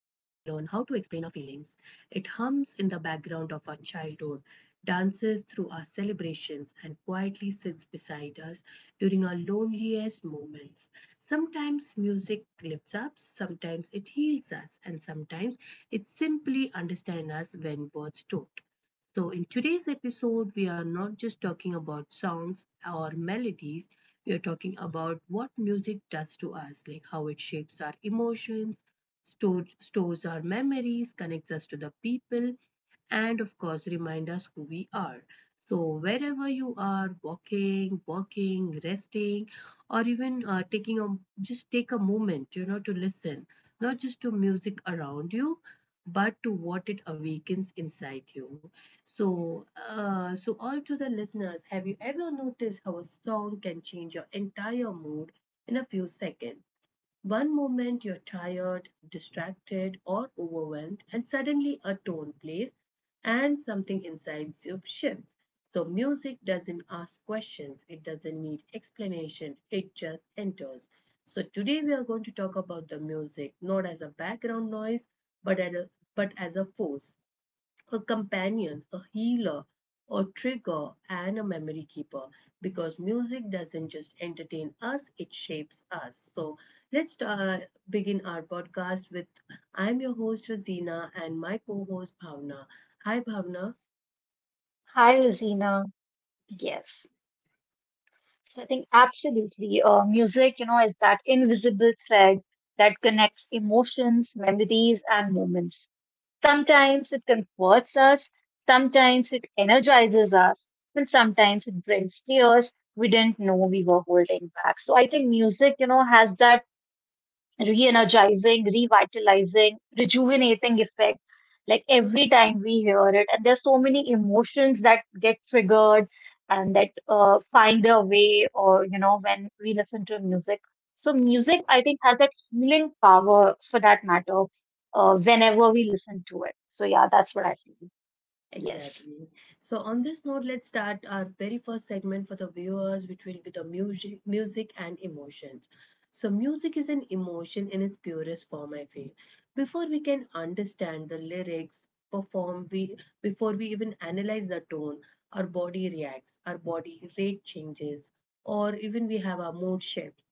how to explain our feelings. It hums in the background of our childhood, dances through our celebrations, and quietly sits beside us during our loneliest moments. Sometimes music lifts up, sometimes it heals us, and sometimes it simply understands us when words don't. So, in today's episode, we are not just talking about songs or melodies, we are talking about what music does to us, like how it shapes our emotions, stores our memories, connects us to the people, and of course, remind us who we are. So, wherever you are walking, working, resting, or even taking a just take a moment, to listen, not just to music around you, but to what it awakens inside you. So all to the listeners, have you ever noticed how a song can change your entire mood in a few seconds? One moment you're tired, distracted, or overwhelmed, and suddenly a tone plays and something inside you shifts. So, music doesn't ask questions, it doesn't need explanation, it just enters. So, today we are going to talk about the music not as a background noise but as a, but as a force a companion, a healer, a trigger, and a memory keeper because music doesn't just entertain us, it shapes us. So let's begin our podcast with I'm your host, Rosina, and my co host, Bhavna. Hi, Bhavna. Hi, Rosina. Yes. Yes. So I think absolutely. Music, you know, is that invisible thread that connects emotions, memories, and moments. Sometimes it comforts us, sometimes it energizes us, and sometimes it brings tears we didn't know we were holding back. So I think music, you know, has that re-energizing, revitalizing, rejuvenating effect. Like every time we hear it, and there's so many emotions that get triggered and that find their way, or you know, when we listen to music. So music, I think, has that healing power, for that matter, whenever we listen to it. So yeah, that's what I feel. Yes. Exactly. So on this note, let's start our very first segment for the viewers, which will be the music and emotions. So music is an emotion in its purest form, I feel. Before we can understand the lyrics, perform, we before we even analyze the tone, our body reacts, our body rate changes, or even we have our mood shifts.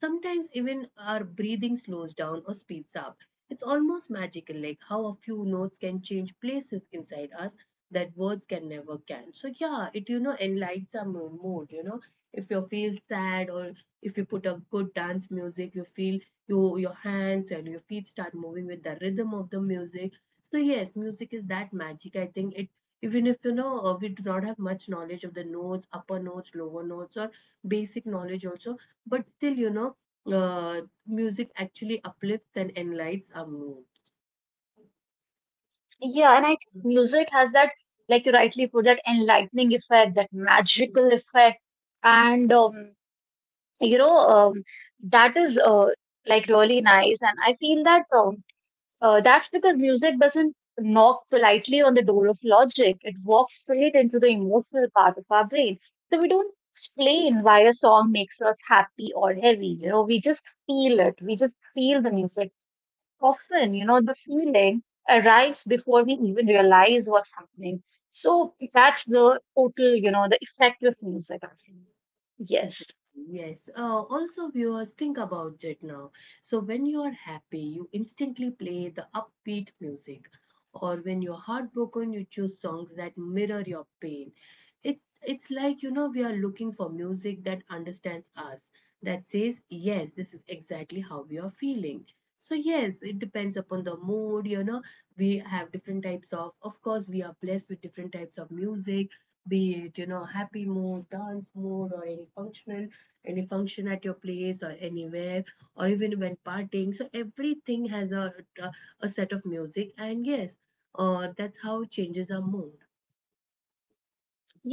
Sometimes even our breathing slows down or speeds up. It's almost magical, like how a few notes can change places inside us that words can never can. So yeah, it you know enlightens our mood. You know, if you feel sad or if you put a good dance music, you feel you your hands and your feet start moving with the rhythm of the music. So yes, music is that magic. I think it even if you know we do not have much knowledge of the notes, upper notes, lower notes, or basic knowledge also but still, you know, music actually uplifts and enlightens our mood. Yeah, and I think music has that, like you rightly put, that enlightening effect, that magical effect, and you know um, that is like really nice, and I feel that um, that's because music doesn't knock politely on the door of logic. It walks straight into the emotional part of our brain. So we don't explain why a song makes us happy or heavy. You know, we just feel it. We just feel the music. Often, you know, the feeling arrives before we even realize what's happening. So that's the total, you know, the effect of music actually. Exactly. Yes. Yes. Also, viewers, think about it now. So, when you are happy, you instantly play the upbeat music, or when you're heartbroken, you choose songs that mirror your pain. It's like you know we are looking for music that understands us, that says yes, this is exactly how we are feeling. So yes, it depends upon the mood. You know, we have different types of. Of course, we are blessed with different types of music be it you know happy mode dance mode or any functional any function at your place or anywhere or even when partying so everything has a, a set of music and yes that's how it changes our mood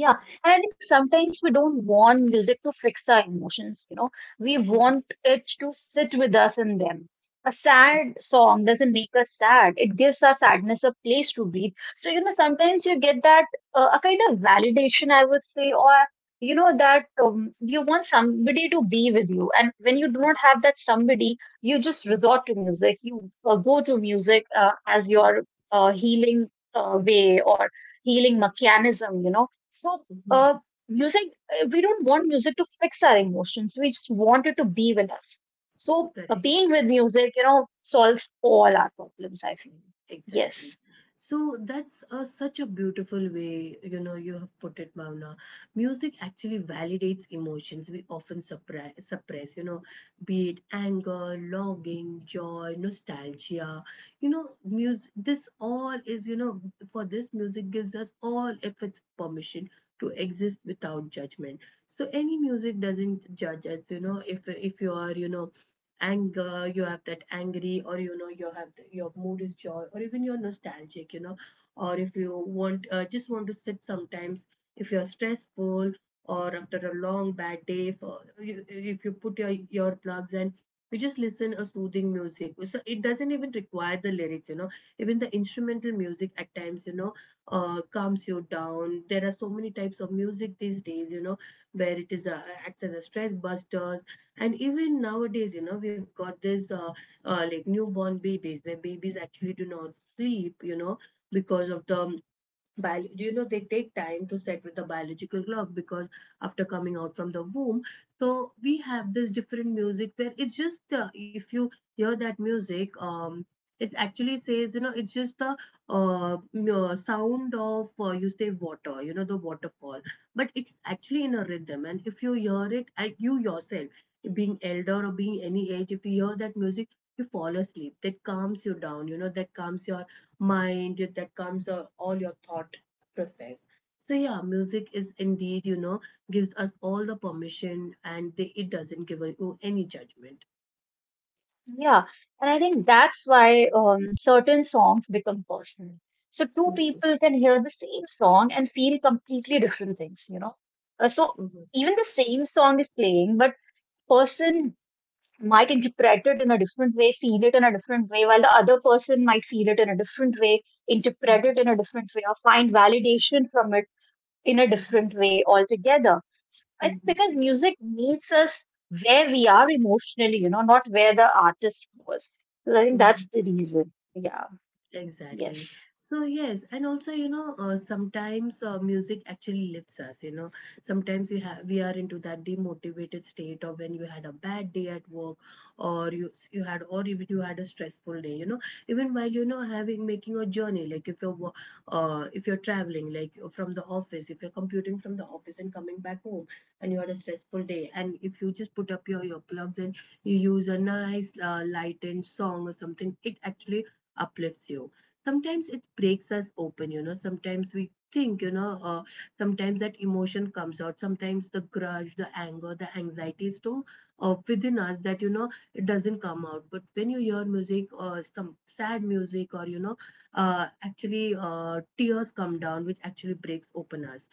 Yeah, and sometimes we don't want music to fix our emotions, you know. We Mhm, want it to sit with us in them. A sad song doesn't make us sad, it gives our sadness a place to breathe. So, you know, sometimes you get that a kind of validation, I would say, or you know, that you want somebody to be with you. And when you do not have that somebody, you just mhm, resort to music. You go to music as mhm, your healing way or healing mechanism, you know. so, mhm. uh, music, we don't want music to fix our emotions. We just want it to be with us. So, Correct. being with music, you know, solves all our problems, I feel. Yes. Exactly. So that's such a beautiful way, you know, you have put it, Bhavna. Music actually validates emotions we often suppress, you know, be it anger, longing, joy, nostalgia. You know, music, this all is, you know, for this music gives us all if it's permission to exist without judgment. So any music doesn't judge us, you know, if you are, you know, anger you have that angry or you know you have your mood is joy or even you're nostalgic you know or if you want just want to sit sometimes if you're stressful or after a long bad day for, if you put your plugs and you just listen a soothing music so it doesn't even require the lyrics you know even the instrumental music at times you know calms you down there are so many types of music these days you know where it is acts as a stress busters. And even nowadays, you know, we've got this like newborn babies where babies actually do not sleep, you know, because of the Bio, you know, they take time to set with the biological clock because after coming out from the womb, so we have this different music where it's just if you hear that music, it actually says you know it's just the uh, sound of you say water, you know, the waterfall, but it's actually in a rhythm, and if you hear it, you yourself, being elder or being any age, if you hear that music. You fall asleep. That calms you down. You know that calms your mind. That calms all your thought process. So yeah, music is indeed, you know, gives us all the permission and they, it doesn't give you any judgment. Yeah. And I think that's why certain songs become personal. So, two Mhm, people can hear the same song and feel completely different things, you know. So, mhm, even the same song is playing, but person might interpret it in a different way, feel it in a different way, while the other person might feel it in a different way, interpret mhm, it in a different way, or find validation from it in a mhm, different way altogether. So I think mhm, because music meets us where we are emotionally, you know, not where the artist was. So I think that's mhm. the reason. Yeah, yes. Exactly. So yes, and also you know sometimes music actually lifts us. You know, sometimes we have we are into that demotivated state of when you had a bad day at work, or you had or even you had a stressful day. You know, even while you know having making a journey, like if you're if you're traveling, like from the office, if you're commuting from the office and coming back home, and you had a stressful day, and if you just put up your earplugs and you use a nice lightened song or something, it actually uplifts you sometimes it breaks us open you know sometimes we think you know sometimes that emotion comes out sometimes the grudge the anger the anxiety is too within us that you know it doesn't come out but when you hear music or some sad music or you know actually tears come down which actually breaks open us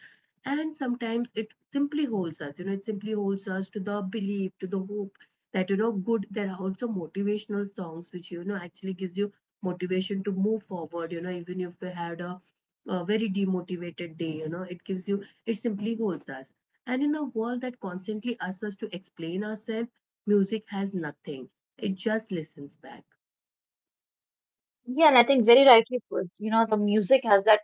and sometimes it simply holds us you know it simply holds us to the belief to the hope that you know good there are also motivational songs which you know actually gives you motivation to move forward you know even if we had a very demotivated day you know it gives you it simply holds us and in a world that constantly asks us to explain ourselves music has nothing it just listens back Yeah, and I think very rightly put, you know, the music has that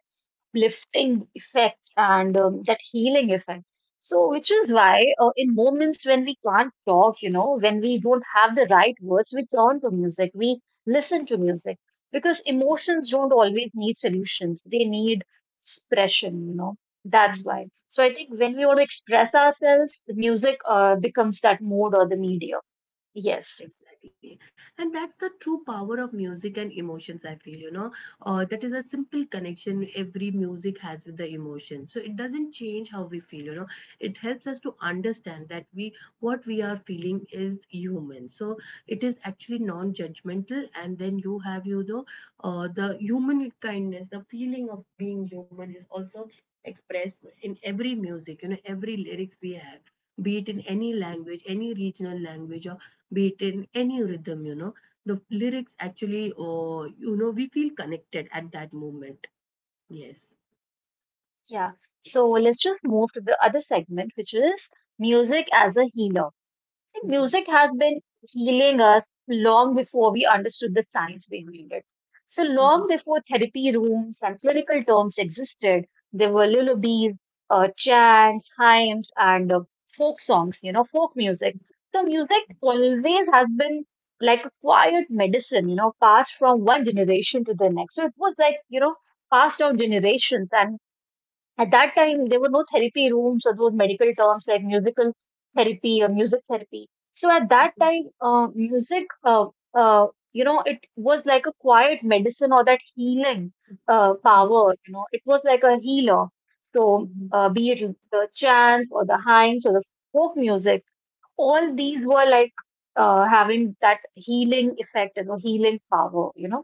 lifting effect and that healing effect. So, which is why in moments when we can't talk, you know, when we don't have the right words, we turn to music, we listen to music because emotions don't always need solutions, they need expression, you know. That's why. So, I think when we want to express ourselves, the music becomes that mode or the medium. Yes. Exactly. And that's the true power of music and emotions, I feel, you know. That is a simple connection every music has with the emotion. So it doesn't change how we feel, you know. It helps us to understand that we what we are feeling is human. So it is actually non-judgmental. And then you have, you know, the human kindness, the feeling of being human is also expressed in every music, you know, every lyrics we have. Be it in any language, any regional language, or beat in any rhythm you know the lyrics actually or you know we feel connected at that moment yes Yeah. So, let's just move to the other segment, which is music as a healer. Like, Mhm. music has been healing us long before we understood the science behind it. So Mhm. long before therapy rooms and clinical terms existed, there were lullabies, chants, hymns, and folk songs, you know, folk music. So music always has been like a quiet medicine, you know, passed from one generation to the next. So it was like, you know, passed down generations. And at that time, there were no therapy rooms or those medical terms like musical therapy or music therapy. So at that Mhm, time, uh, you know, it was like a quiet medicine or that healing mhm, power. You know, it was like a healer. mhm, So mhm. Be it the chants or the hymns or the folk music, all these were like having that healing effect and you know, healing power. You know,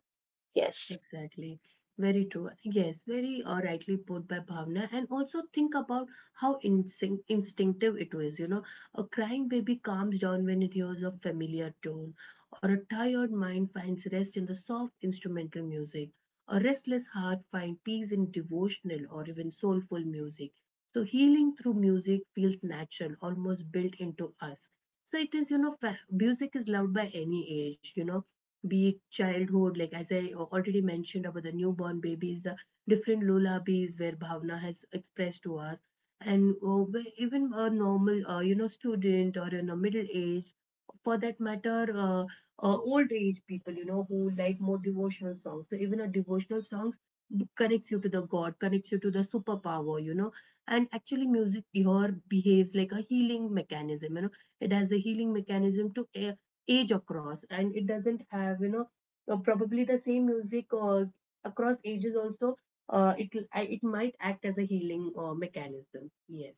yes. Exactly. Very true. Yes, very rightly put by Bhavna. And also think about how instinctive it was. You know, a crying baby calms down when it hears a familiar tone, or a tired mind finds rest in the soft instrumental music. A restless heart finds peace in devotional or even soulful music. So healing through music feels natural, almost built into us. So it is, you know, music is loved by any age, you know be it childhood, like as I already mentioned about the newborn babies, the different lullabies where Bhavna has expressed to us, and where even a normal, you know, student or in a middle age, for that matter, old age people, you know, who like more devotional songs. So even a devotional songs connects you to the God, connects you to the superpower, you know. And actually, music here behaves like a healing mechanism. You know, it has a healing mechanism to age across and it doesn't have you know probably the same music across ages also uh, it it might act as a healing mechanism yes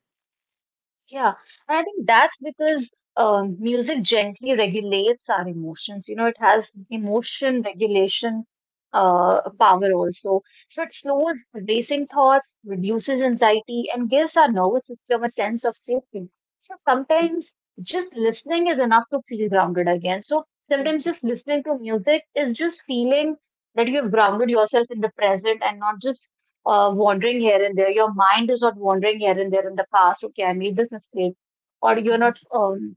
Yeah, and I think that's because music gently regulates our emotions. You know, it has emotion regulation power also. So it slows racing thoughts, reduces anxiety, and gives our nervous system a sense of safety. So sometimes just listening is enough to feel grounded again. So sometimes just listening to music is just feeling that you've grounded yourself in the present and not just wandering here and there. Your mind is not wandering here and there in the past. Okay, I made this mistake, or you're not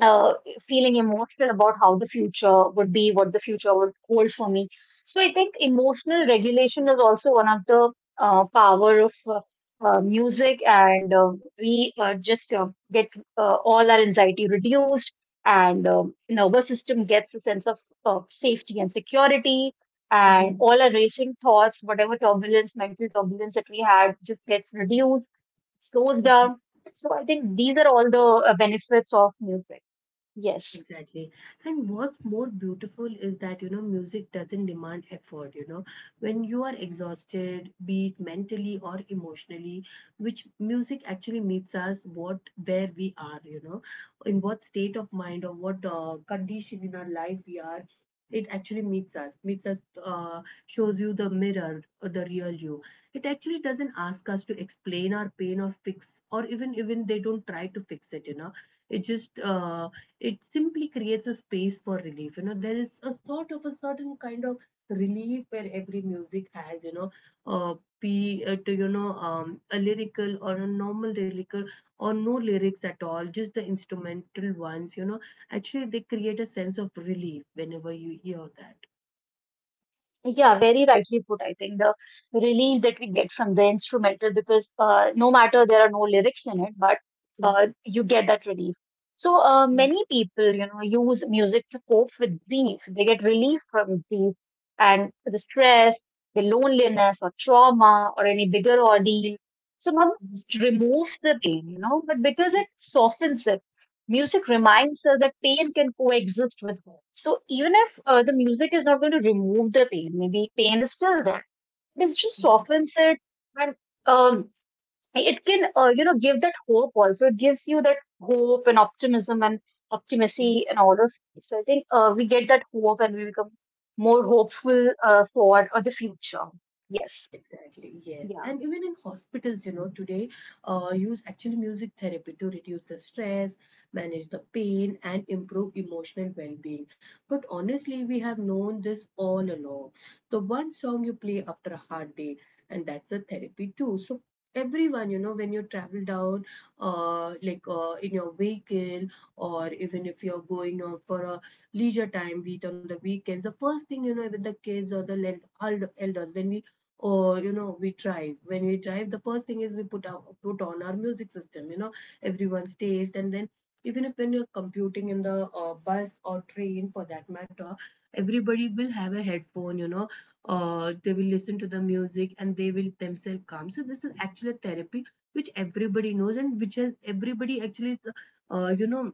uh, feeling emotional about how the future would be, what the future would hold for me. So I think emotional regulation is also one of the power of music, and we just get all our anxiety reduced, and nervous system gets a sense of safety and security. And all our racing thoughts, whatever turbulence, mental turbulence that we had, just gets reduced, slows down. So I think these are all the benefits of music. Yes. Exactly. And what's more beautiful is that, you know, music doesn't demand effort, you know. When you are exhausted, be it mentally or emotionally, which music actually meets us what where we are, you know, in what state of mind or what condition in our life we are, it actually meets us, uh, shows you the mirror, the real you. It actually doesn't ask us to explain our pain or fix, or even they don't try to fix it, you know. It just it simply creates a space for relief. There is a sort of a certain kind of relief where every music has uh, be it a lyrical or a normal lyrical or no lyrics at all, just the instrumental ones. Actually they create a sense of relief whenever you hear Yeah, very rightly put. I think the relief that we get from the instrumental because no matter there are no lyrics in it, but that. You get that relief. So many people, you know, use music to cope with grief. They get relief from grief and the stress, the loneliness or trauma or any bigger ordeal. So not just removes the pain, you know, but because it softens it. Music reminds us that pain can coexist with hope. So even if the music is not going to remove the pain, maybe pain is still there. It just softens it and um, like, it can you know give that hope also. It gives you that hope and optimism and optimacy and all of it. So I think we get that hope and we become more hopeful for the future. Yes. Exactly, yes. Yeah. And even in hospitals, you know, today use actually music therapy to reduce the stress, manage the pain, and improve emotional well being. But honestly, we have known this all along. The one song you play after a hard day, and that's a therapy too. So, everyone, you know, when you travel down, in your vehicle, or even if you're going out for a leisure time, be it on the weekends, the first thing, you know, with the kids or the elders, when we or you know we drive when we drive the first thing is we put on our music system, you know, everyone's taste. And then even if when you're computing in the bus or train for that matter, everybody will have a headphone, you know. They will listen to the music and they will themselves calm. So this is actually a therapy which everybody knows and which has everybody actually, uh, you know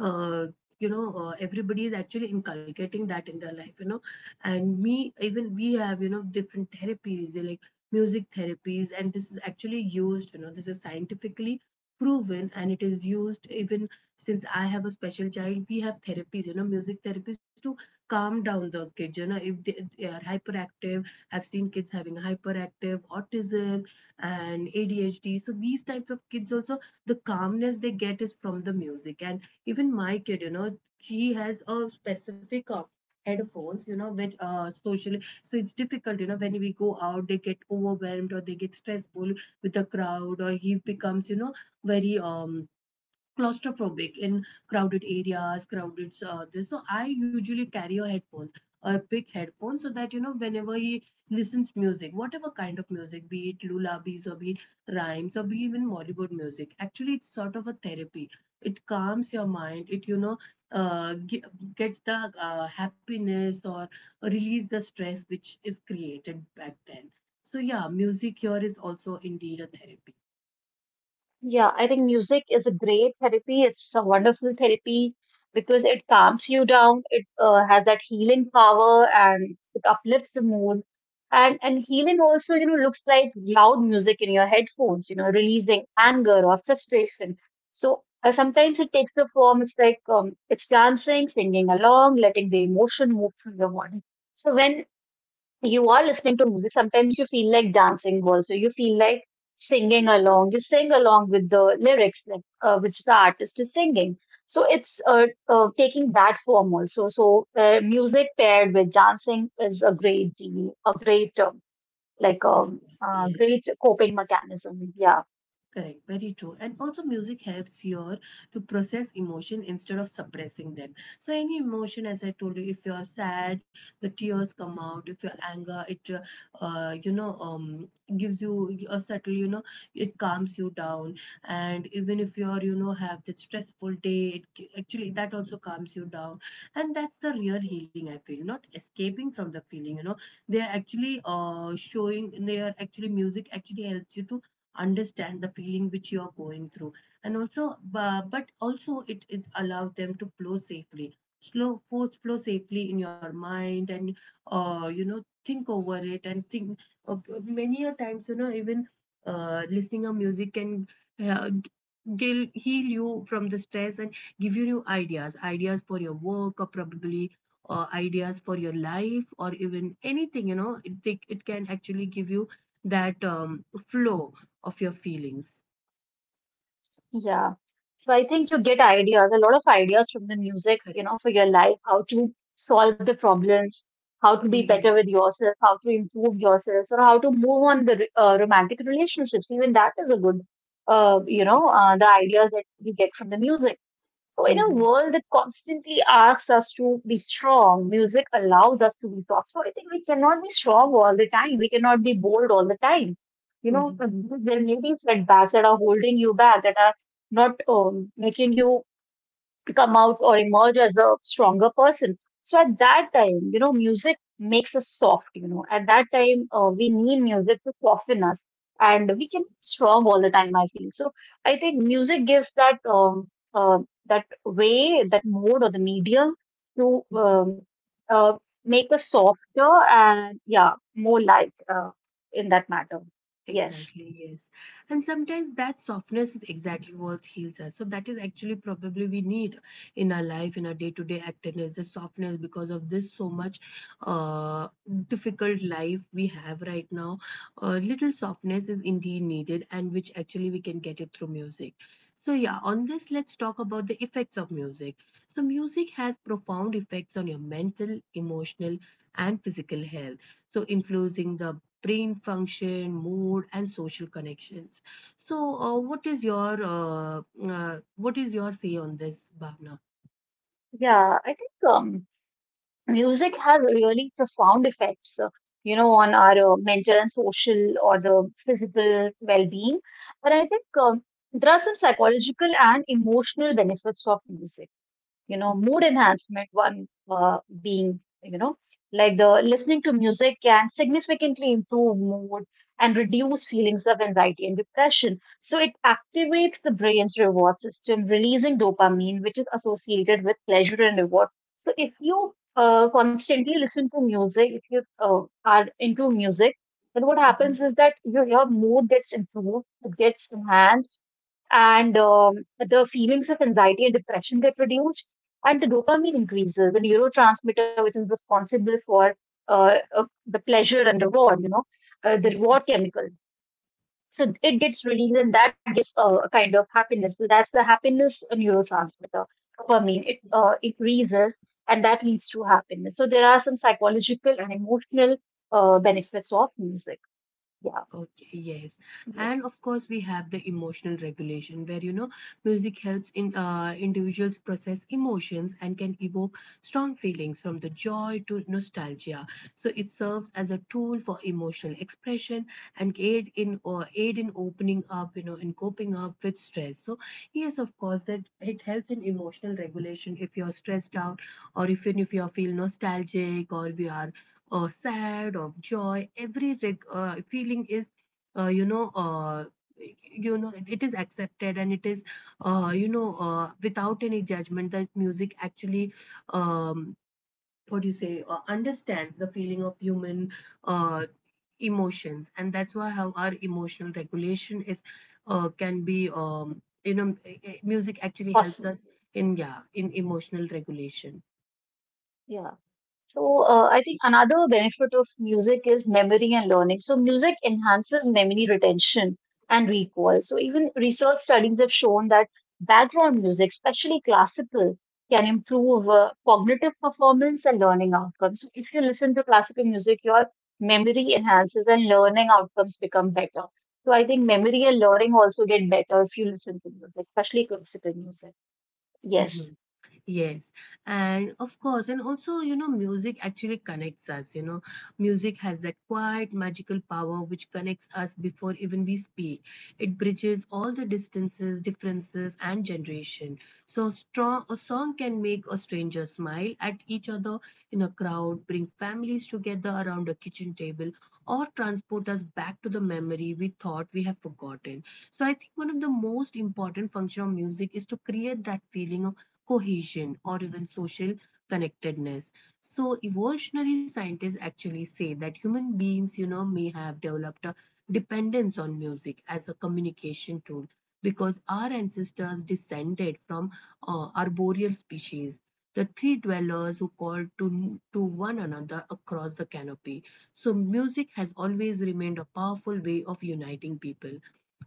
uh, everybody is actually inculcating that in their life, you know. And me, even we have, you know, different therapies, they're like music therapies, and this is actually used, you know, this is scientifically proven and it is used even since I have a special child. We have therapies, you know, music therapies to calm down the kids, you know, if they are hyperactive. I've seen kids having hyperactive, autism, and ADHD. So these types of kids also, the calmness they get is from the music. And even my kid, you know, she has a specific headphones, you know, which socially, so it's difficult, you know, when we go out they get overwhelmed or they get stressful with the crowd, or he becomes, you know, very claustrophobic in crowded areas, crowded this. So I usually carry a headphone, a big headphone, so that you know whenever he listens music, whatever kind of music, be it lullabies or be it rhymes or be even Bollywood music. Actually, it's sort of a therapy. It calms your mind. It uh, ge- gets the happiness or release the stress which is created back then. So yeah, music here is also indeed a therapy. Yeah, I think music is a great therapy. It's a wonderful therapy because it calms you down. It has that healing power and it uplifts the mood. And healing also, you know, looks like loud music in your headphones, you know, releasing anger or frustration. So sometimes it takes a form. It's like it's dancing, singing along, letting the emotion move through your body. So when you are listening to music, sometimes you feel like dancing also. You feel like singing along. You sing along with the lyrics like, which the artist is singing. So it's taking that form also. So music paired with dancing is a great deal, a great Of course, yes. great coping mechanism. Yeah, Correct, very true. And also, music helps your to process emotion instead of suppressing them. So, any emotion, as I told you, if you're sad, the tears come out. If you're anger, it gives you a subtle. It calms you down. And even if you're you know have that stressful day, actually that also calms you down. And that's the real healing. I feel not escaping from the feeling. You know, they are actually showing. They are actually Music actually helps you to understand the feeling which you are going through, and also but also it is allow them to flow safely slow force flow safely in your mind and you know think over it and think of, many a times you know even listening a music can uh, heal you from the stress and give you new ideas for your work or probably ideas for your life or even anything you know it, it can actually give you that flow of your feelings. yeah. So I think you get ideas, a lot of ideas from the music, you know, for Correct. your life, how to solve the problems, how to be Mm-hmm. better with yourself, how to improve yourself, or how to move on the romantic relationships. Even that is a good, you know, the Exactly. ideas that you get from the music. So, in a Mm-hmm. world that constantly asks us to be strong, music allows us to be soft. So, I think we cannot be strong all the time. We cannot be bold all the time. You know, Mm-hmm. there may be setbacks that are holding you back, that are not making you come out or emerge as a stronger person. So at that time, you know, music makes us soft, you know. At that time, we need music to soften us and we can be strong all the time, I feel. So I think music gives that uh, that way, that mode or the medium to uh, make us softer and yeah, more light in that matter. Yes. Exactly, yes. And sometimes that softness is exactly what heals us. So that is actually probably we need in our life, in our day-to-day activeness, the softness because of this so much uh, difficult life we have right now. Little softness is indeed needed and which actually we can get it through music. So yeah, on this, let's talk about the effects of music. So music has profound effects on your mental, emotional, and physical health, so influencing the brain function, mood, and social connections. So, what is your say on this, Bhavna? Yeah, I think music has really profound effects, you know, on our mental and social or the physical well-being. But I think there are some psychological and emotional benefits of music, you know. Mood enhancement, one being, you know, like the listening to music can significantly improve mood and reduce feelings of anxiety and depression. So it activates the brain's reward system, releasing dopamine, which is associated with pleasure and reward. So if you constantly listen to music, if you are into music, then what happens is that your mood gets improved, it gets enhanced, and the feelings of anxiety and depression get reduced, and the dopamine increases, the neurotransmitter which is responsible for the pleasure and reward, you know, the Mhm. reward chemical. So it gets released and that gives a kind of happiness. So that's the happiness neurotransmitter, dopamine. It increases and that leads to happiness. So there are some psychological and emotional benefits of music. Yeah. Okay, yes. And Yes. of course, we have the emotional regulation where, you know, music helps in individuals process emotions and can evoke strong feelings from the joy to nostalgia. So it serves as a tool for emotional expression and aid in opening up, you know, in coping up with stress. So yes, of course, that it helps in emotional regulation if you're stressed out or if even if you feel nostalgic or we are sad, of joy. Every feeling is, uh, you know, uh, it is accepted and it is, without any judgment. That music actually, um, what do you say, understands the feeling of human uh, emotions, and that's why how our emotional regulation is can be, music actually helps Awesome. us in yeah in emotional regulation. Yeah. So I think another benefit of music is memory and learning. So music enhances memory retention and recall. So even research studies have shown that background music, especially classical, can improve cognitive performance and learning outcomes. So if you listen to classical music, your memory enhances and learning outcomes become better. So I think memory and learning also get better if you listen to music, especially classical music. Yes. Yes, and of course, and also, you know, music actually connects us. You know, music has that quiet, magical power which connects us before even we speak. It bridges all the distances, differences, and generation. So, strong a song can make a stranger smile at each other in a crowd, bring families together around a kitchen table, or transport us back to the memory we thought we have forgotten. So, I think one of the most important function of music is to create that feeling of cohesion, or even social connectedness. So, evolutionary scientists actually say that human beings, you know, may have developed a dependence on music as a communication tool because our ancestors descended from arboreal species, the tree dwellers who called to one another across the canopy. So, music has always remained a powerful way of uniting people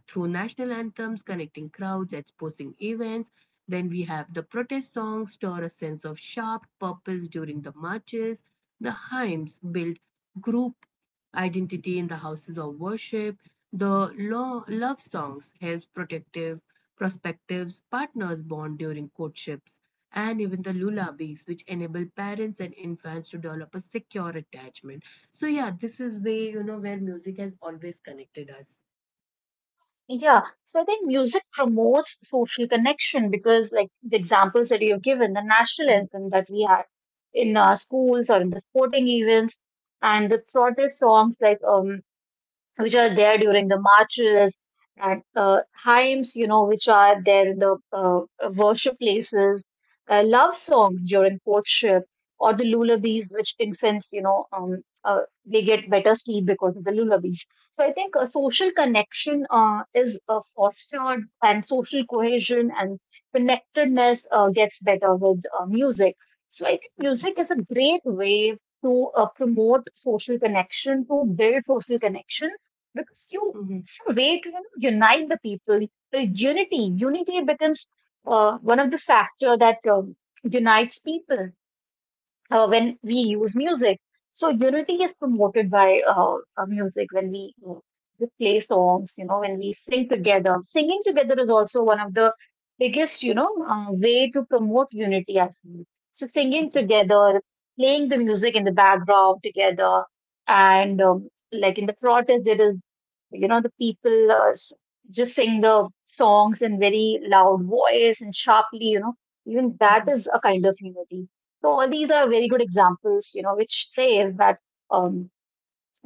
through national anthems, connecting crowds at sporting events. Then we have the protest songs stir a sense of sharp purpose during the marches. The hymns build group identity in the houses of worship. The love songs helps protective prospective partners bond during courtships, and even the lullabies, which enable parents and infants to develop a secure attachment. So yeah, this is way you know where music has always connected us. Yeah, so I think music promotes social connection because, like the examples that you've given, the national Mhm, anthem that we had in our schools or in the sporting events, and the protest songs like which are there during the marches and hymns, you know, which are there in the worship places, love songs during courtship, or the lullabies, which infants, you know, they get better sleep because of the lullabies. So I think social connection is fostered, and social cohesion and connectedness gets better with music. So I think mhm, music is a great way to promote social connection, to build social connection because you mhm, it's a way to, you know, unite the people. The unity becomes one of the factor that unites people when we use music. So unity is promoted by music when we just play songs. You know, when we sing together, singing together is also one of the biggest, you know, way to promote unity, I feel. So singing mhm, together, playing the music in the background together, mhm, and like in the protest, there is, you know, the people just sing the songs in very loud voice and sharply, you know, even that mhm. is a kind of unity. So all these are very good examples, you know, which says that um,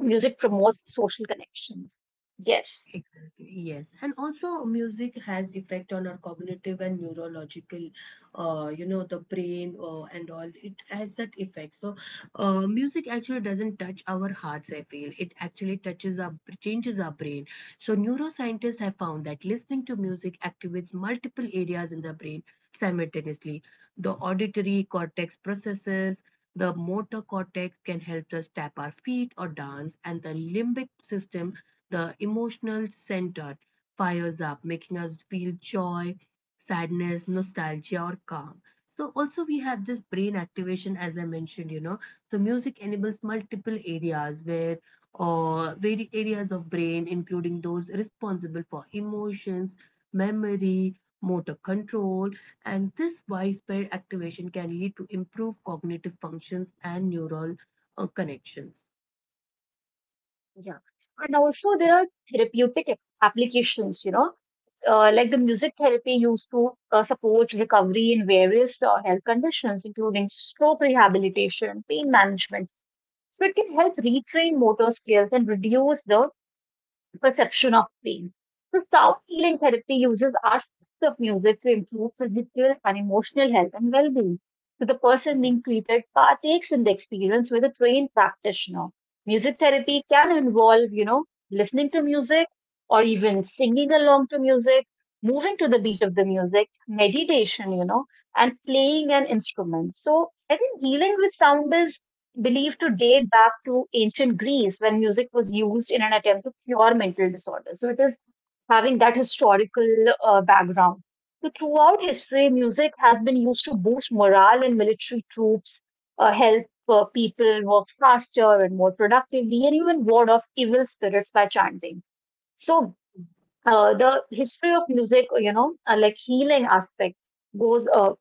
music promotes social connection. Yes. Exactly, yes. And also music has effect on our cognitive and neurological, you know, the brain and all. It has that effect. So music actually doesn't touch our hearts, I feel. It actually changes our brain. So neuroscientists have found that listening to music activates multiple areas in the brain simultaneously. The auditory cortex processes the motor cortex can help us tap our feet or dance, and the limbic system, the emotional center, fires up, making us feel joy, sadness, nostalgia, or calm. So also we have this brain activation, as I mentioned, you know. So music enables multiple areas where or vari areas of brain, including those responsible for emotions, memory, motor control, and this widespread activation can lead to improved cognitive functions and neural connections. Yeah, and also there are therapeutic applications, you know, like the music therapy used to support recovery in various health conditions, including stroke rehabilitation, pain management. So it can help retrain motor skills and reduce the perception of pain. So sound healing therapy uses aspects of music to improve physical and emotional health and well-being. So the person Mhm. being treated partakes in the experience with a trained practitioner. Music therapy can involve, you know, listening to music or even singing along to music, moving to the beat of the music, meditation, you know, and playing an instrument. So I think healing with sound is believed to date back to ancient Greece when music was used in an attempt to cure mental disorders. So it is having that historical background. So throughout history, music has been used to boost morale in military troops, help people work faster and more productively, and even ward off evil spirits by chanting. So the history of music, you know, like healing aspect goes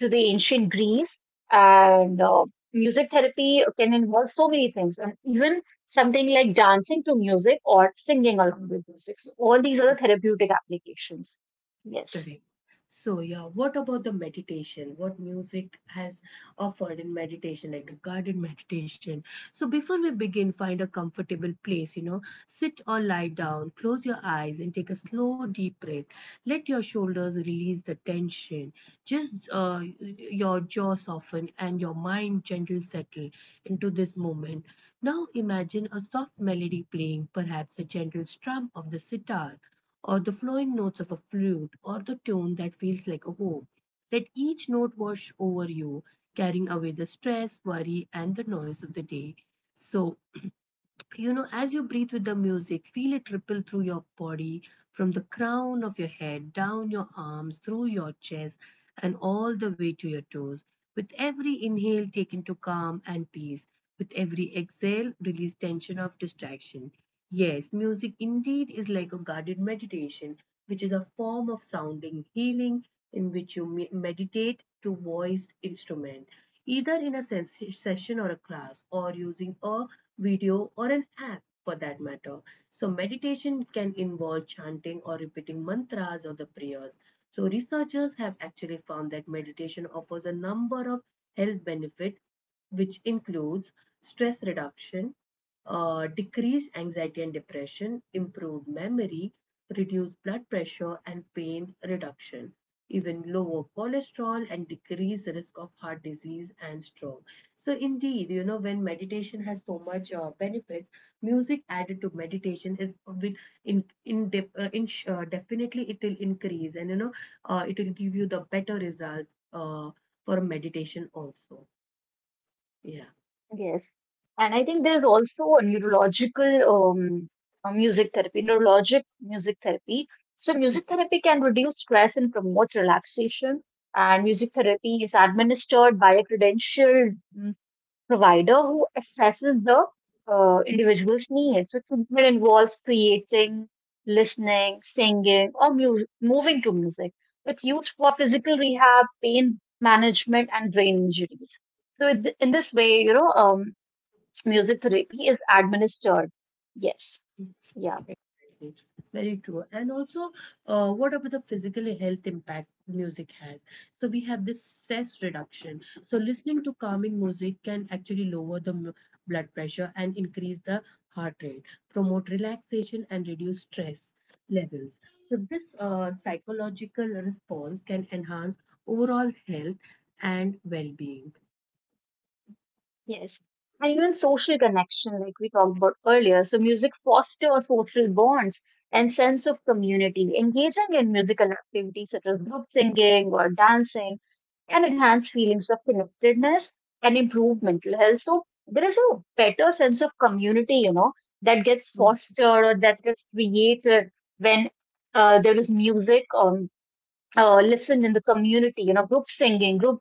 to the ancient Greece, and music therapy can involve so many things, and even something like dancing to music or singing along with music. So all these are the therapeutic applications. Yes. Correct. So, yeah, what about the meditation? What music has offered in meditation, like the guided meditation? So, before we begin, find a comfortable place, you know, sit or lie down, close your eyes, and take a slow, deep breath. Let your shoulders release the tension. Just your jaw soften and your mind gentle settle into this moment. Now, imagine a soft melody playing, perhaps a gentle strum of the sitar or the flowing notes of a flute, or the tone that feels like a home. Let each note wash over you, carrying away the stress, worry, and the noise of the day. So you know, as you breathe with the music, feel it ripple through your body from the crown of your head, down your arms, through your chest, and all the way to your toes. With every inhale, take into calm and peace. With every exhale, release tension of distraction. Yes, music indeed is like a guided meditation, which is a form of sounding healing in which you meditate to voiced instrument either in a session or a class, or using a video or an app for that matter. So, meditation can involve chanting or repeating mantras or the prayers. So, researchers have actually found that meditation offers a number of health benefits which includes stress reduction, decreased anxiety and depression, improved memory, reduced blood pressure and pain reduction, even lower cholesterol and decreased risk of heart disease and stroke. So indeed, you know, when meditation has so much benefits, music added to meditation is with in, def, in definitely it will increase and you know it will give you the better results for meditation also. Yeah. Yes. And I think there's also a neurological music therapy, neurologic music therapy. So music therapy can reduce stress and promote relaxation. And music therapy is administered by a credentialed provider who assesses the individual's needs. So treatment involves creating, listening, singing, or mu moving to music. It's used for physical rehab, pain management, and brain injuries. So in this way, you know, music therapy is administered. Yes. Yeah. Exactly. Very true. And also, what about the physical health impact music has? So we have this stress reduction. So listening to calming music can actually lower the blood pressure and increase the heart rate, promote relaxation and reduce stress levels. So this psychological response can enhance overall health and well-being. Yes. And even social connection, like we talked about earlier. So music fosters social bonds and sense of community. Engaging in musical activities such as group singing or dancing can enhance feelings of connectedness and improve mental health. So there is a better sense of community, you know, that gets fostered or that gets created when there is music. Listen in the community, you know, group singing group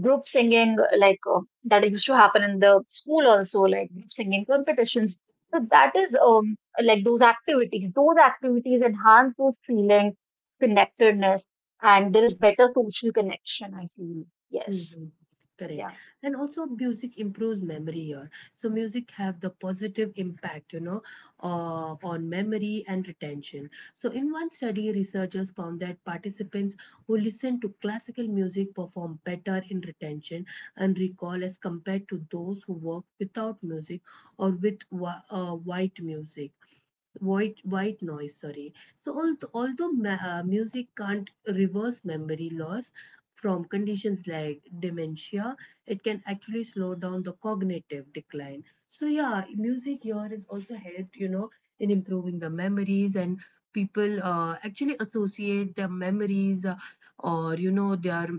group singing like that used to happen in the school also, like group singing competitions. So that is like those activities enhance those feeling connectedness, and there is better social connection, I feel. Yes. Mhm. Correct. Yeah. And also music improves memory here. So music have the positive impact, you know, on memory and retention. So in one study, researchers found that participants who listen to classical music perform better in retention and recall as compared to those who work without music or with white music white noise, sorry. So although music can't reverse memory loss from conditions like dementia. It can actually slow down the cognitive decline. So yeah, music here is also helped, you know, in improving the memories. And people actually associate their memories, or you know, their,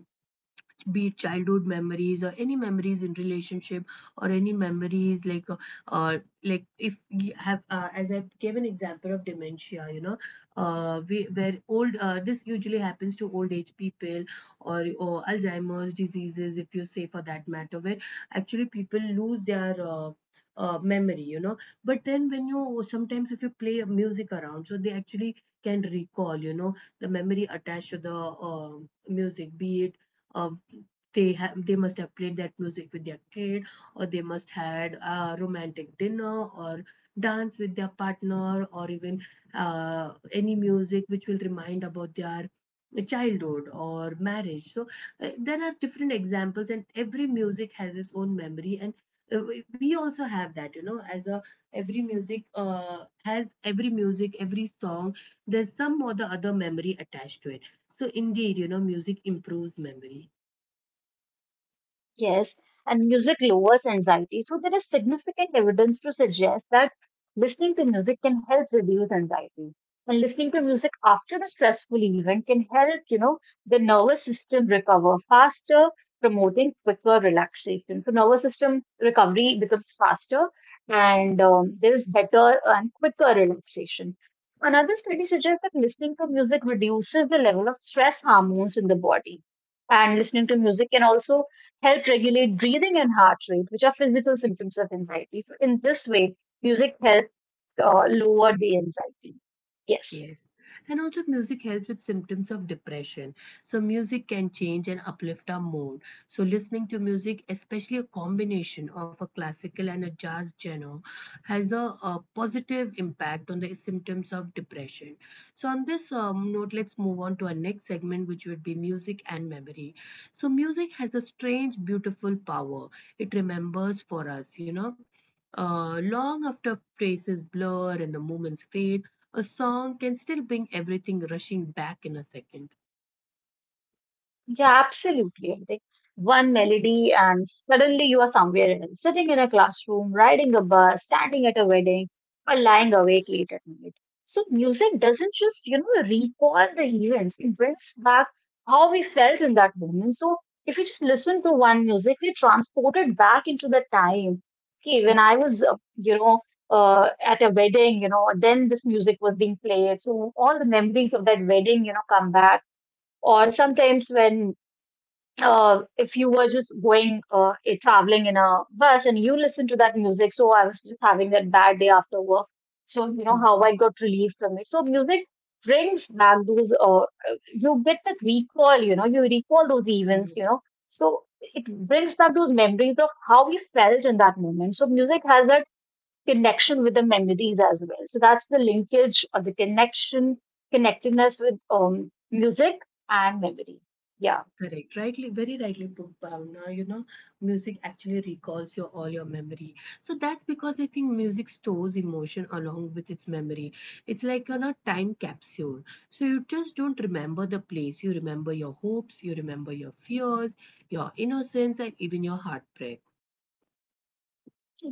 be it childhood memories or any memories in relationship, or any memories uh, like if you have, as I gave an example of dementia, you know, we where old, this usually happens to old age people, or Alzheimer's diseases if you say for that matter, where actually people lose their memory, you know. But then when you sometimes if you play music around, so they actually can recall, you know, the memory attached to the music. Be it uh, they have, they must have played that music with their kid, or they must had a romantic dinner, or dance with their partner, or even any music which will remind about their childhood or marriage. So there are different examples and every music has its own memory. And we also have that, you know, as a, every music has, every music, every song, there's some or the other memory attached to it. So indeed, you know, music improves memory. Yes, and music lowers anxiety. So there is significant evidence to suggest that listening to music can help reduce anxiety. And listening to music after a stressful event can help, you know, the nervous system recover faster, promoting quicker relaxation. So nervous system recovery becomes faster, and there is better and quicker relaxation. Another study suggests that listening to music reduces the level of stress hormones in the body. And listening to music can also help regulate breathing and heart rate, which are physical symptoms of anxiety. So, in this way, music helps lower the anxiety. Yes. Yes. And also, music helps with symptoms of depression. So, music can change and uplift our mood. So, listening to music, especially a combination of a classical and a jazz genre, has a, positive impact on the symptoms of depression. So, on this note, let's move on to our next segment, which would be music and memory. So, music has a strange, beautiful power. It remembers for us, you know. Long after faces blur and the moments fade, a song can still bring everything rushing back in a 2nd. Yeah, absolutely. I think one melody and suddenly you are somewhere else, sitting in a classroom, riding a bus, standing at a wedding, or lying awake late at night. So music doesn't just, you know, recall the events, it brings back how we felt in that moment. So if you just listen to one music, we transported back into the time. Okay, when I was, you know, at a wedding, you know, then this music was being played. So all the memories of that wedding, you know, come back. Or sometimes when if you were just going traveling in a bus and you listen to that music. So I was just having that bad day after work. So you know how Mhm, I got relief from it. So music brings back those. You get that recall. You know, you recall those events. mhm. You know, so it brings back those memories of how we felt in that moment. So music has that connection with the memories as well. So that's the linkage or the connection, connectedness with music and memory. Yeah. Correct. Rightly, very rightly put, Bhavna. You know, music actually recalls your all your memory. So that's because I think music stores emotion along with its memory. It's like a not time capsule. So you just don't remember the place. You remember your hopes, you remember your fears, your innocence, and even your heartbreak.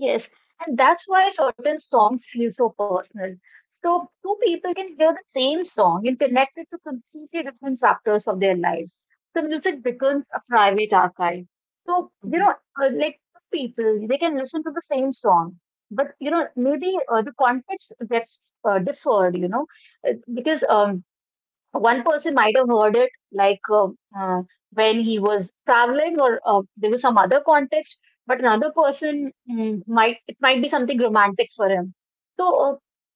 Yes, and that's why certain songs feel so personal. So two people can hear the same song and connect it to completely different chapters of their lives. So music becomes a private archive. So, you know, Mhm, like two people, they can listen to the same song, but, you know, maybe the context gets differed, you know, because one person might have heard it like uh, when he was traveling or there was some other context, but another person, might it might be something romantic for him. So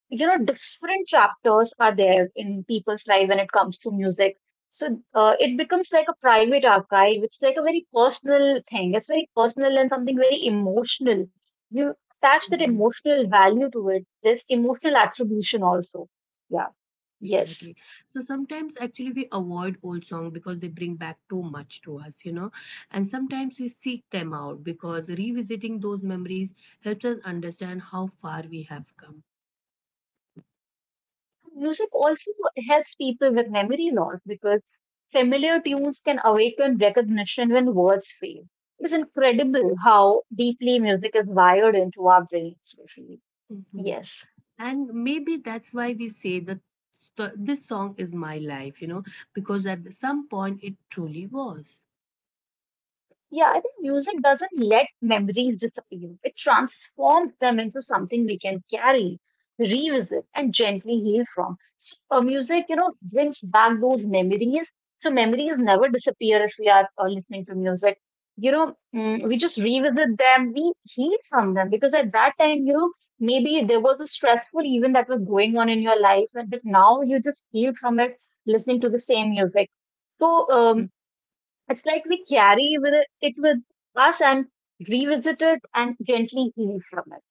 you know, different chapters are there in people's life when it comes to music. So it becomes like a private archive. It's like a very personal thing, it's very personal and something very emotional. You mhm. attach that emotional value to it, there's emotional attribution also. Yeah. Exactly. Yes. So sometimes actually we avoid old song because they bring back too much to us, you know. And sometimes we seek them out because revisiting those memories helps us understand how far we have come. Music also helps people with memory loss because familiar tunes can awaken recognition when words fail. It's incredible how deeply music is wired into our brains, especially. Mhm. Yes. And maybe that's why we say that this song is my life, you know, because at some point it truly was. Yeah, I think music doesn't let memories disappear. It transforms them into something we can carry, revisit, and gently heal from. So, music, you know, brings back those memories. So memories never disappear if we are listening to music. You know, we just revisit them, we heal from them, because at that time, you know, maybe there was a stressful event that was going on in your life, but now you just heal from it listening to the same music. So, Hmm. It's like we carry it with us and revisit it and gently heal from it.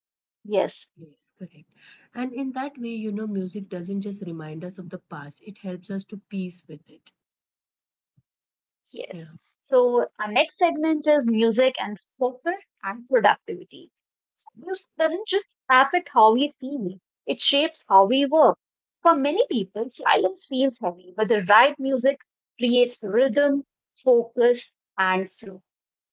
Yes, Yes, correct. And in that way, you know, music doesn't just remind us of the past, it helps us to peace with it. yes. Yeah. So our next segment is music and focus and productivity. Music doesn't just affect how we feel; it shapes how we work. For many people, silence feels heavy, but the right music creates rhythm, focus, and flow.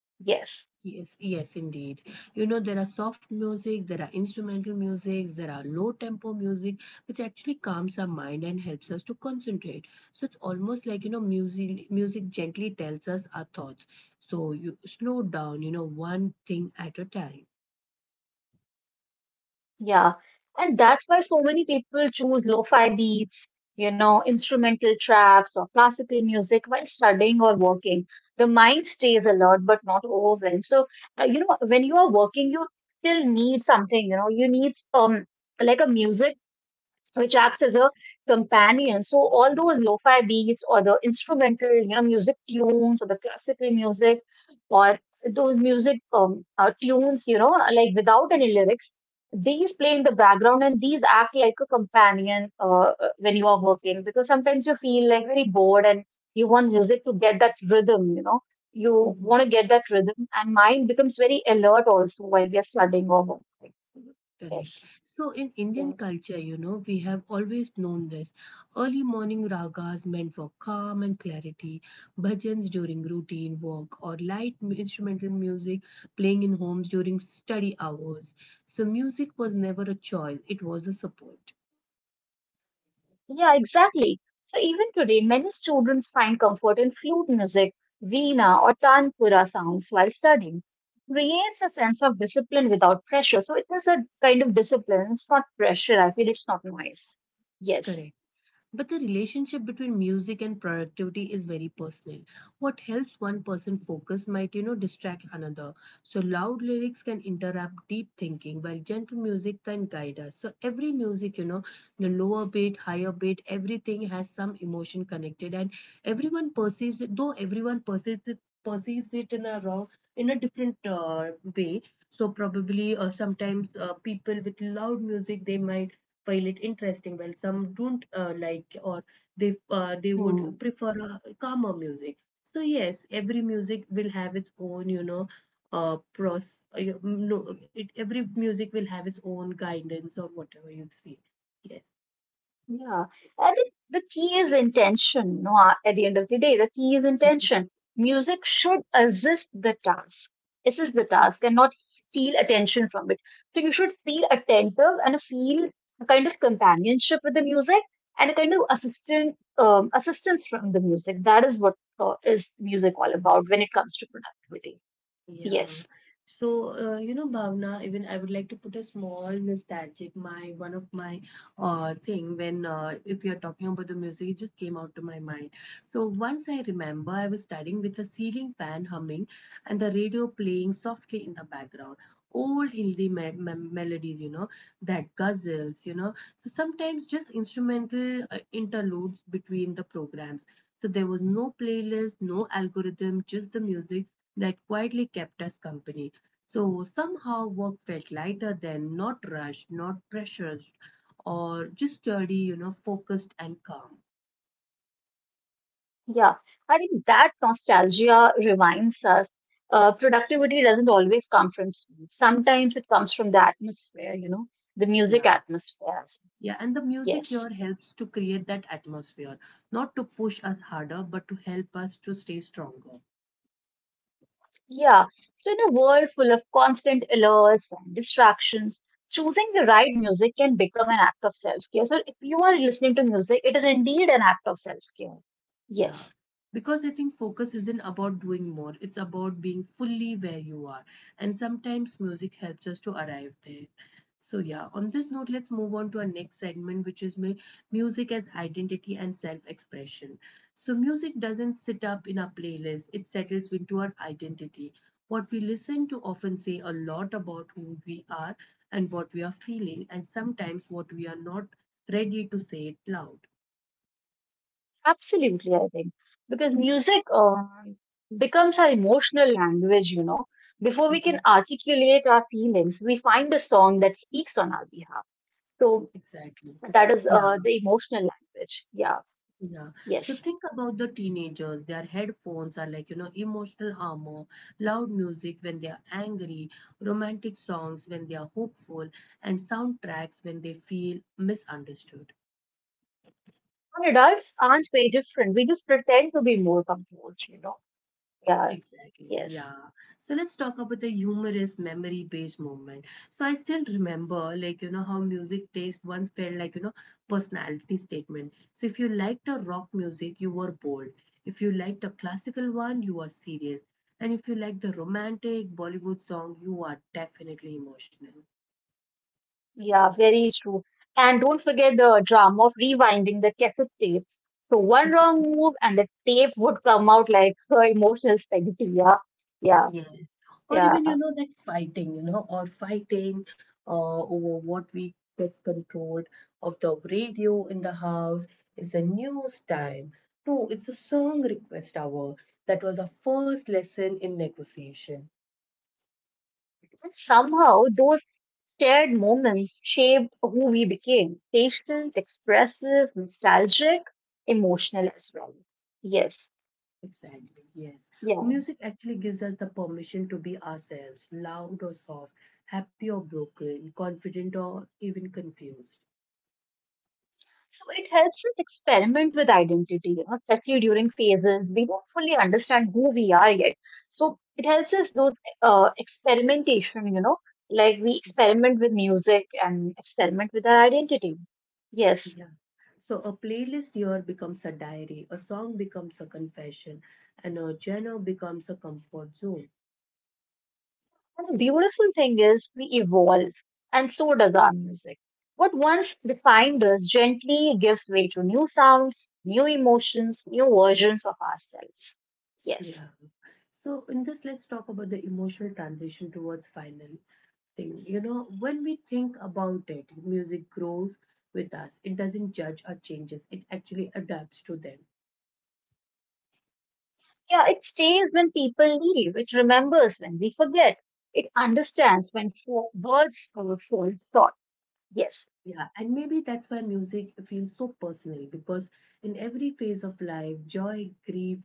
Yes. Yes, yes, indeed. You know, there are soft music, there are instrumental music, there are low tempo music, which actually calms our mind and helps us to concentrate. So it's almost like, you know, music gently tells us our thoughts. So you slow down, you know, one thing at a time. Yeah, and that's why so many people choose lo-fi beats, you know, instrumental tracks or classical music while studying or working. The mind stays alert but not overwhelmed. So, you know, when you are working, you still need something, you know, you need like a music which acts as a companion. So all those lo-fi beats or the instrumental, you know, music tunes or the classical music or those music tunes, you know, like without any lyrics, these play in the background and these act like a companion when you are working, because sometimes you feel like very bored and you want music to get that rhythm, you know. You Mm-hmm. want to get that rhythm, and mind becomes very alert also while we are studying or working. Correct. Yes. So in Indian Yeah. culture, you know, we have always known this. Early morning ragas meant for calm and clarity, bhajans during routine work, or light instrumental music playing in homes during study hours. So music was never a choice, it was a support. Yeah, exactly. So even today, many students find comfort in flute music, veena or tanpura sounds while studying. Creates a sense of discipline without pressure. So it is a kind of discipline. It's not pressure, I feel. It's not noise. Yes. Correct. But the relationship between music and productivity is very personal. What helps one person focus might, you know, distract another. So loud lyrics can interrupt deep thinking, while gentle music can guide us. So every music, you know, the lower beat, higher beat, everything has some emotion connected, and everyone perceives it. Though everyone perceives it, perceives it in a raw, in a different way. So probably, sometimes people with loud music, they might find it interesting, while some don't like, or they, they would Hmm. prefer calmer music. So yes, every music will have its own, you know, pros. You- no, it, every music will have its own guidance or whatever you'd say. Yes. Yeah, and it, the key is intention. No, at the end of the day, the key is intention. Music should assist the task, and not steal attention from it. So you should feel attentive and feel a kind of companionship with the music and a kind of assistant assistance from the music. That is what is music all about when it comes to productivity. Yeah. Yes. So, you know, Bhavna, even I would like to put a small nostalgic, my one of my thing when, if you're talking about the music, it just came out to my mind. So once I remember I was studying with a ceiling fan humming and the radio playing softly in the background. Old Hindi me me melodies, you know, that guzzles, you know. So sometimes just instrumental interludes between the programs. So there was no playlist, no algorithm, just the music that quietly kept us company. So somehow work felt lighter then, not rushed, not pressured, or just sturdy, you know, focused and calm. Yeah, I think that nostalgia reminds us productivity doesn't always come from speed. Sometimes it comes from the atmosphere, you know, the music Yeah. atmosphere. Yeah, and the music Yes. here helps to create that atmosphere, not to push us harder, but to help us to stay stronger. Yeah. So, in a world full of constant alerts and distractions, choosing the right music can become an act of self-care. So, if you are listening to music, it is indeed an act of self-care. Yes. Yeah, because I think focus isn't about doing more, it's about being fully where you are. And sometimes music helps us to arrive there. So, yeah, on this note, let's move on to our next segment, which is music as identity and self expression. So, music doesn't sit up in our playlist, it settles into our identity. What we listen to often say a lot about who we are and what we are feeling, and sometimes what we are not ready to say it loud. Absolutely, I think. Because music becomes our emotional language, you know. Before we can Mhm. articulate our feelings, we find a song that speaks on our behalf. So Exactly. that is Yeah, the emotional language. Yeah, Yeah. So yes. think about the teenagers. Their headphones are like, you know, emotional armor, loud music when they are angry, romantic songs when they are hopeful, and soundtracks when they feel misunderstood. And adults aren't very different. We just pretend to be more composed. You know. Yeah, Exactly, yes. yeah. So let's talk about the humorous memory based moment. So I still remember, like, you know, how music taste once felt like, you know, personality statement. So if you liked the rock music, you were bold. If you liked the classical one, you were serious. And if you liked the romantic Bollywood song, you are definitely emotional. Yeah, very true. And don't forget the drama of rewinding the cassette tapes. So one wrong move and the tape would come out like emotional spaghetti. Yeah, yeah. Or even you Yeah. know that fighting, you know, or fighting over what we gets controlled of the radio in the house. Is a news time? No, it's a song request hour. That was our first lesson in negotiation. And somehow those shared moments shaped who we became patient, expressive, nostalgic, emotional as well. Yes. Exactly, yes. Yeah. Music actually gives us the permission to be ourselves, loud or soft, happy or broken, confident or even confused. So it helps us experiment with identity, you know, especially during phases we don't fully understand who we are yet. So it helps us those experimentation, you know, like we experiment with music and experiment with our identity. Yes. Yeah. So a playlist here becomes a diary, a song becomes a confession, and a genre becomes a comfort zone. And the beautiful thing is, we evolve, and so does our music. What once defined us gently gives way to new sounds, new emotions, new versions of ourselves. Yes. Yeah. So in this, let's talk about the emotional transition towards final thing. You know, when we think about it, music grows with us. It doesn't judge our changes. It actually adapts to them. Yeah, it stays when people leave, it remembers when we forget, it understands when words fall short. Yes. Yeah, and maybe that's why music feels so personal because in every phase of life, joy, grief,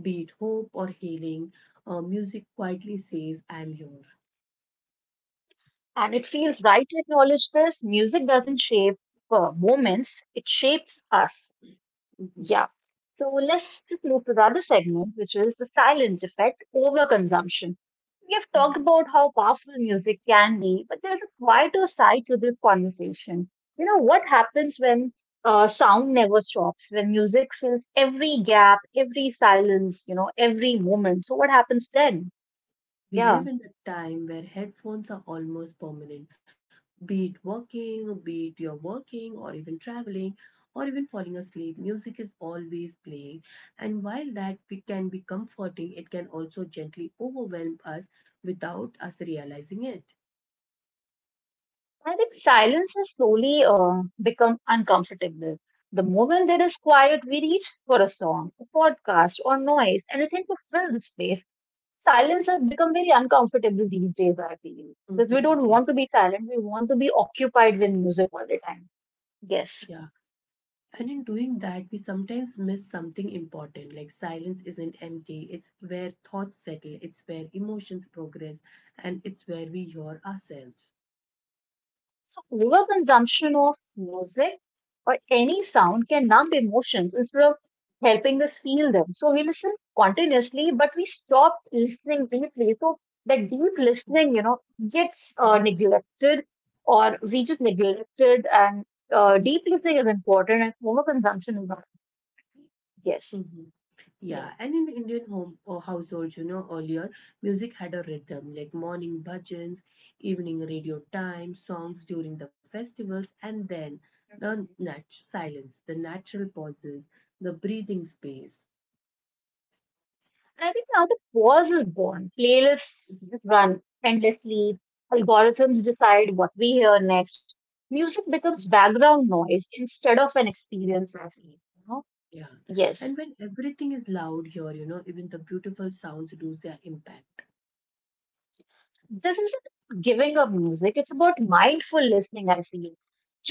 be it hope or healing, music quietly says, I'm here. And it feels right to acknowledge this music doesn't shape moments, it shapes us. Mhm. Yeah. So let's just move to the other segment, which is the silent effect overconsumption. We have talked about how powerful music can be, but there's a quieter side to this conversation. You know, what happens when sound never stops, when music fills every gap, every silence, you know, every moment? So, what happens then? We Yeah. live in the time where headphones are almost permanent, be it working, be it you're working, or even traveling, or even falling asleep. Music is always playing. And while that we can be comforting, it can also gently overwhelm us without us realizing it. I think silence has slowly become uncomfortable. The moment there is quiet, we reach for a song, a podcast, or noise, anything to fill the space. Silence has become very uncomfortable these days, I feel. Because we Mhm, don't Yeah, want to be silent, we want to be occupied with music all the time. Yes. yeah. And in doing that, we sometimes miss something important. Like silence isn't empty, it's where thoughts settle, it's where emotions progress, and it's where we hear ourselves. So overconsumption of music or any sound can numb emotions instead of helping us feel them. So we listen continuously, but we stop listening deeply. So that deep listening, you know, gets Mm-hmm. neglected or we just neglected and deep listening is important and overconsumption is not. Yes. Mm-hmm. Yeah. Yeah, and in Indian home or households, you know, earlier music had a rhythm like morning bhajans, evening radio time, songs during the festivals, and then the silence, the natural pauses, the breathing space. And I think now the pause is born. Playlists just run endlessly. Algorithms decide what we hear next. Music becomes background noise instead of an experience, of feel. You know? Yeah. Yes, And when everything is loud here, you know, even the beautiful sounds lose their impact. this isn't giving up music. It's about mindful listening, I feel.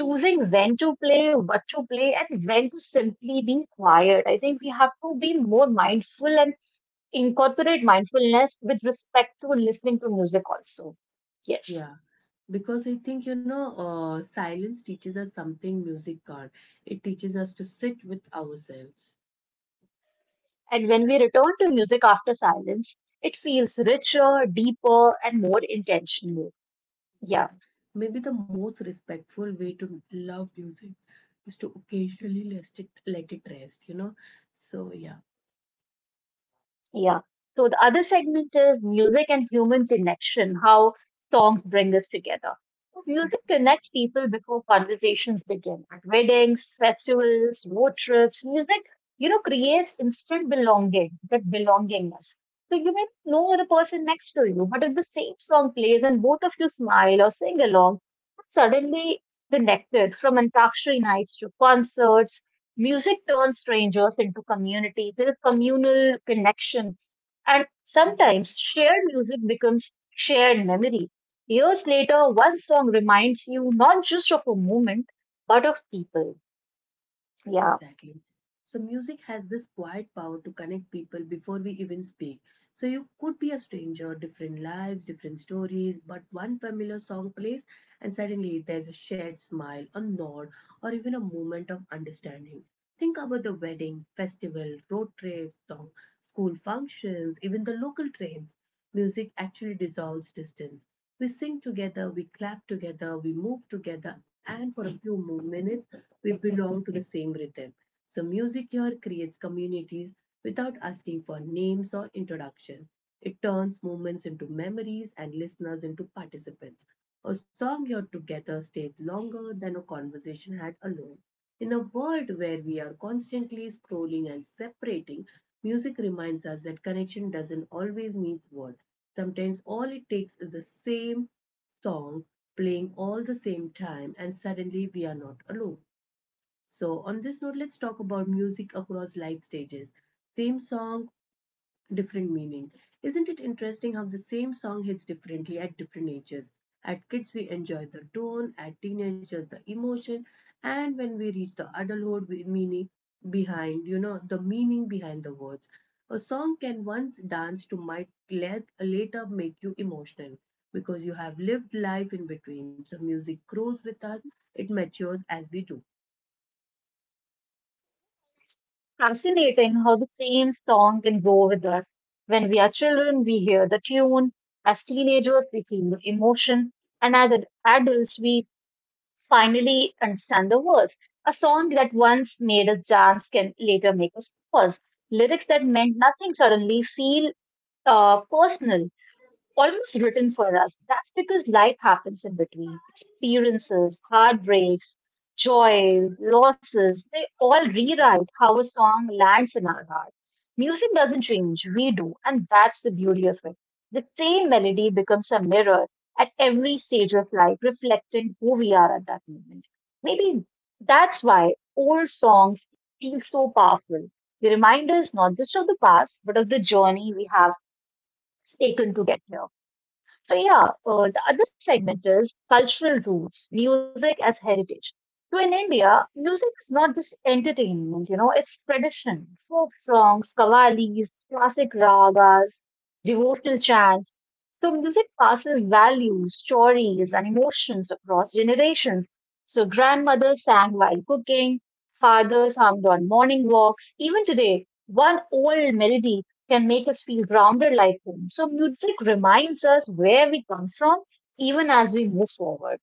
Choosing when to play, what to play, and when to simply be quiet. I think we have to be more mindful and incorporate mindfulness with respect to listening to music also. Yes. Yeah. Because I think, you know, silence teaches us something music can't. It teaches us to sit with ourselves. And when we return to music after silence, it feels richer, deeper, and more intentional. Yeah. Maybe the most respectful way to love music is to occasionally let it rest, you know. So yeah. Yeah. So the other segment is music and human connection, how songs bring us together. So music connects people before conversations begin at weddings, festivals, road trips. Music, you know, creates instant belonging, that belongingness. So you may not know the person next to you, but if the same song plays and both of you smile or sing along, you're suddenly connected from Antakshari nights to concerts. Music turns strangers into community. There's a communal connection. And Mm-hmm. sometimes shared music becomes shared memory. Years later, one song reminds you not just of a moment, but of people. Yeah, Exactly. So, music has this quiet power to connect people before we even speak. So you could be a stranger, different lives, different stories, but one familiar song plays, and suddenly there's a shared smile, a nod, or even a moment of understanding. Think about the wedding, festival, road trips, song, school functions, even the local trains. Music actually dissolves distance. We sing together, we clap together, we move together, and for a few more minutes, we belong to the same rhythm. So music here creates communities without asking for names or introduction. It turns moments into memories and listeners into participants. A song heard together stayed longer than a conversation had alone. In a world where we are constantly scrolling and separating, music reminds us that connection doesn't always mean words. Sometimes all it takes is the same song playing all the same time, and suddenly we are not alone. So, on this note, let's talk about music across life stages. Same song, different meaning. Isn't it interesting how the same song hits differently at different ages? At kids, we enjoy the tone; at teenagers, the emotion; and when we reach the adulthood, we meaning behind, the meaning behind the words. A song can once dance to might let, later make you emotional because you have lived life in between. So, music grows with us, it matures as we do. fascinating how the same song can go with us. When we are children, we hear the tune. As teenagers, we feel the emotion. And as adults, we finally understand the words. A song that once made us dance can later make us pause. Lyrics that meant nothing suddenly feel personal, almost written for us. That's because life happens in between. Experiences, heartbreaks, joy, losses, they all rewrite how a song lands in our heart. Music doesn't change, we do, and that's the beauty of it. The same melody becomes a mirror at every stage of life, reflecting who we are at that moment. Maybe that's why old songs feel so powerful. They remind us not just of the past, but of the journey we have taken to get here. So yeah, the other segment is cultural roots, music as heritage. So in India, music is not just entertainment, you know, it's tradition. Folk songs, kavalis, classic ragas, devotional chants. So music passes values, stories, and emotions across generations. So grandmothers sang while cooking, fathers hummed on morning walks. Even today, one old melody can make us feel grounded like home. So music reminds us where we come from even as we move forward.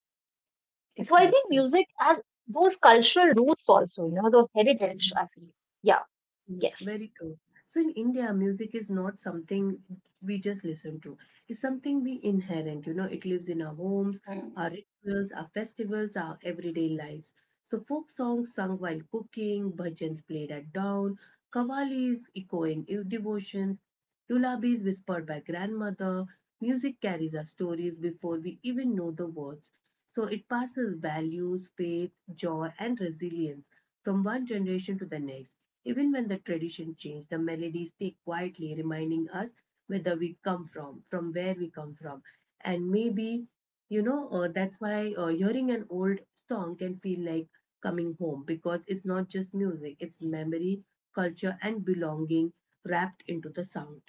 So I think Exactly. music has those cultural roots also, you know, the Mhm. heritage, I feel. Yeah, Mhm. yes. Very true. So in India, music is not something we just listen to. It's something we inherent. You know, it lives in our homes, Mm. our rituals, our festivals, our everyday lives. So folk songs sung while cooking, bhajans played at dawn, Qawwalis echoing devotions, lullabies whispered by grandmother. Music carries our stories before we even know the words. So it passes values, faith, joy, and resilience from one generation to the next. Even when the tradition changes, the melodies stay, quietly reminding us whether we come from where we come from, and maybe that's why hearing an old song can feel like coming home, because it's not just music, it's memory, culture, and belonging wrapped into the sound.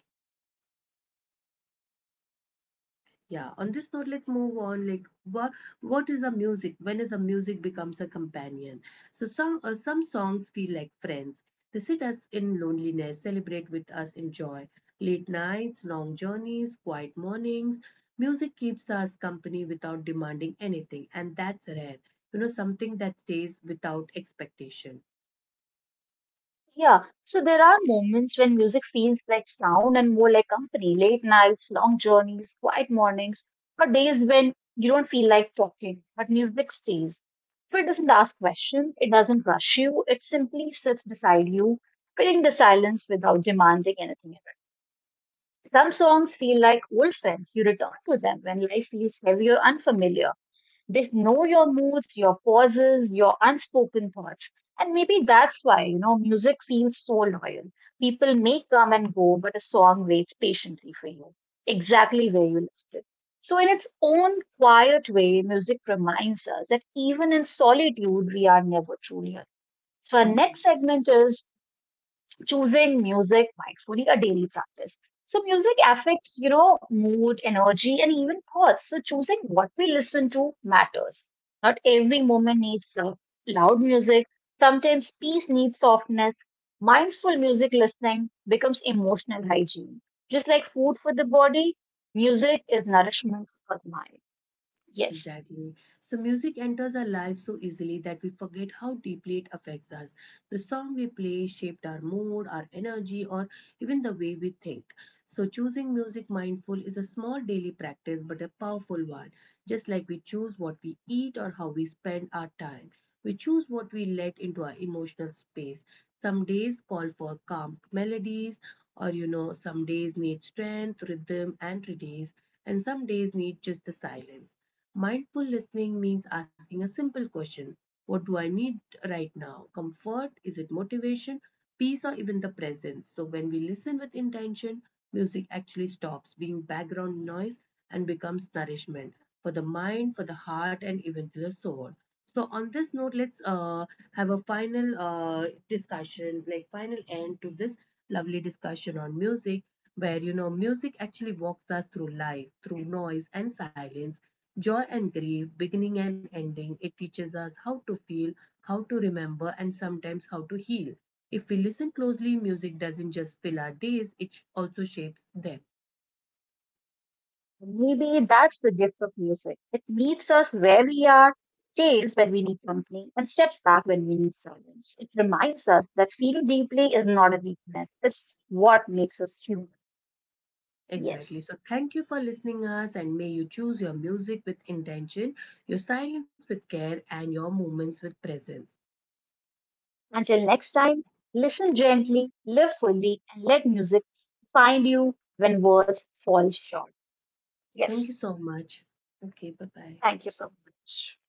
Yeah, on this note, let's move on. Like, what is a music? When is a music becomes a companion? So some songs feel like friends. They sit us in loneliness, celebrate with us in joy. Late nights, long journeys, quiet mornings. Music keeps us company without demanding anything, and that's rare. You know, something that stays without expectation. Yeah, so there are moments when music feels like sound and more like company. Late nights, long journeys, quiet mornings, or days when you don't feel like talking, but music stays. So it doesn't ask questions, it doesn't rush you, it simply sits beside you, filling the silence without demanding anything in return. Some songs feel like old friends, you return to them when life feels heavy or unfamiliar. They know your moods, your pauses, your unspoken thoughts. And maybe that's why, you know, music feels so loyal. People may come and go, but a song waits patiently for you, exactly where you left it. So, in its own quiet way, music reminds us that even in solitude, we are never truly alone. So, our next Mm-hmm. segment is choosing music mindfully, a daily practice. So music affects, you know, mood, energy, and even thoughts. So choosing what we listen to matters. Not every moment needs loud music. Sometimes peace needs softness. Mindful music listening becomes emotional hygiene. Just like food for the body, music is nourishment for the mind. Yes. Exactly. So music enters our lives so easily that we forget how deeply it affects us. The song we play shaped our mood, our energy, or even the way we think. So choosing music mindful is a small daily practice, but a powerful one. Just like we choose what we eat or how we spend our time, we choose what we let into our emotional space. Some days call for calm melodies, or some days need strength, rhythm, and release, and some days need just the silence. Mindful listening means asking a simple question: what do I need right now? Comfort? Is it motivation? Peace, or even the presence? So, when we listen with intention, music actually stops being background noise and becomes nourishment for the mind, for the heart, and even to the soul. So, on this note, let's have a final discussion, like final end to this lovely discussion on music, where you know music actually walks us through life, through noise and silence, joy and grief, beginning and ending. It teaches us how to feel, how to remember, and sometimes how to heal. If we listen closely, music doesn't just fill our days, it also shapes them. Maybe that's the gift of music. It meets us where we are, stays when we need company, and steps back when we need silence. It reminds us that feeling deeply is not a weakness, it's what makes us human. Yes. Exactly. So thank you for listening us, and may you choose your music with intention, your silence with care, and your moments with presence. Until next time, listen gently, live fully, and let music find you when words fall short. Thank you Yes. so much. Okay, bye-bye. Thank you so much.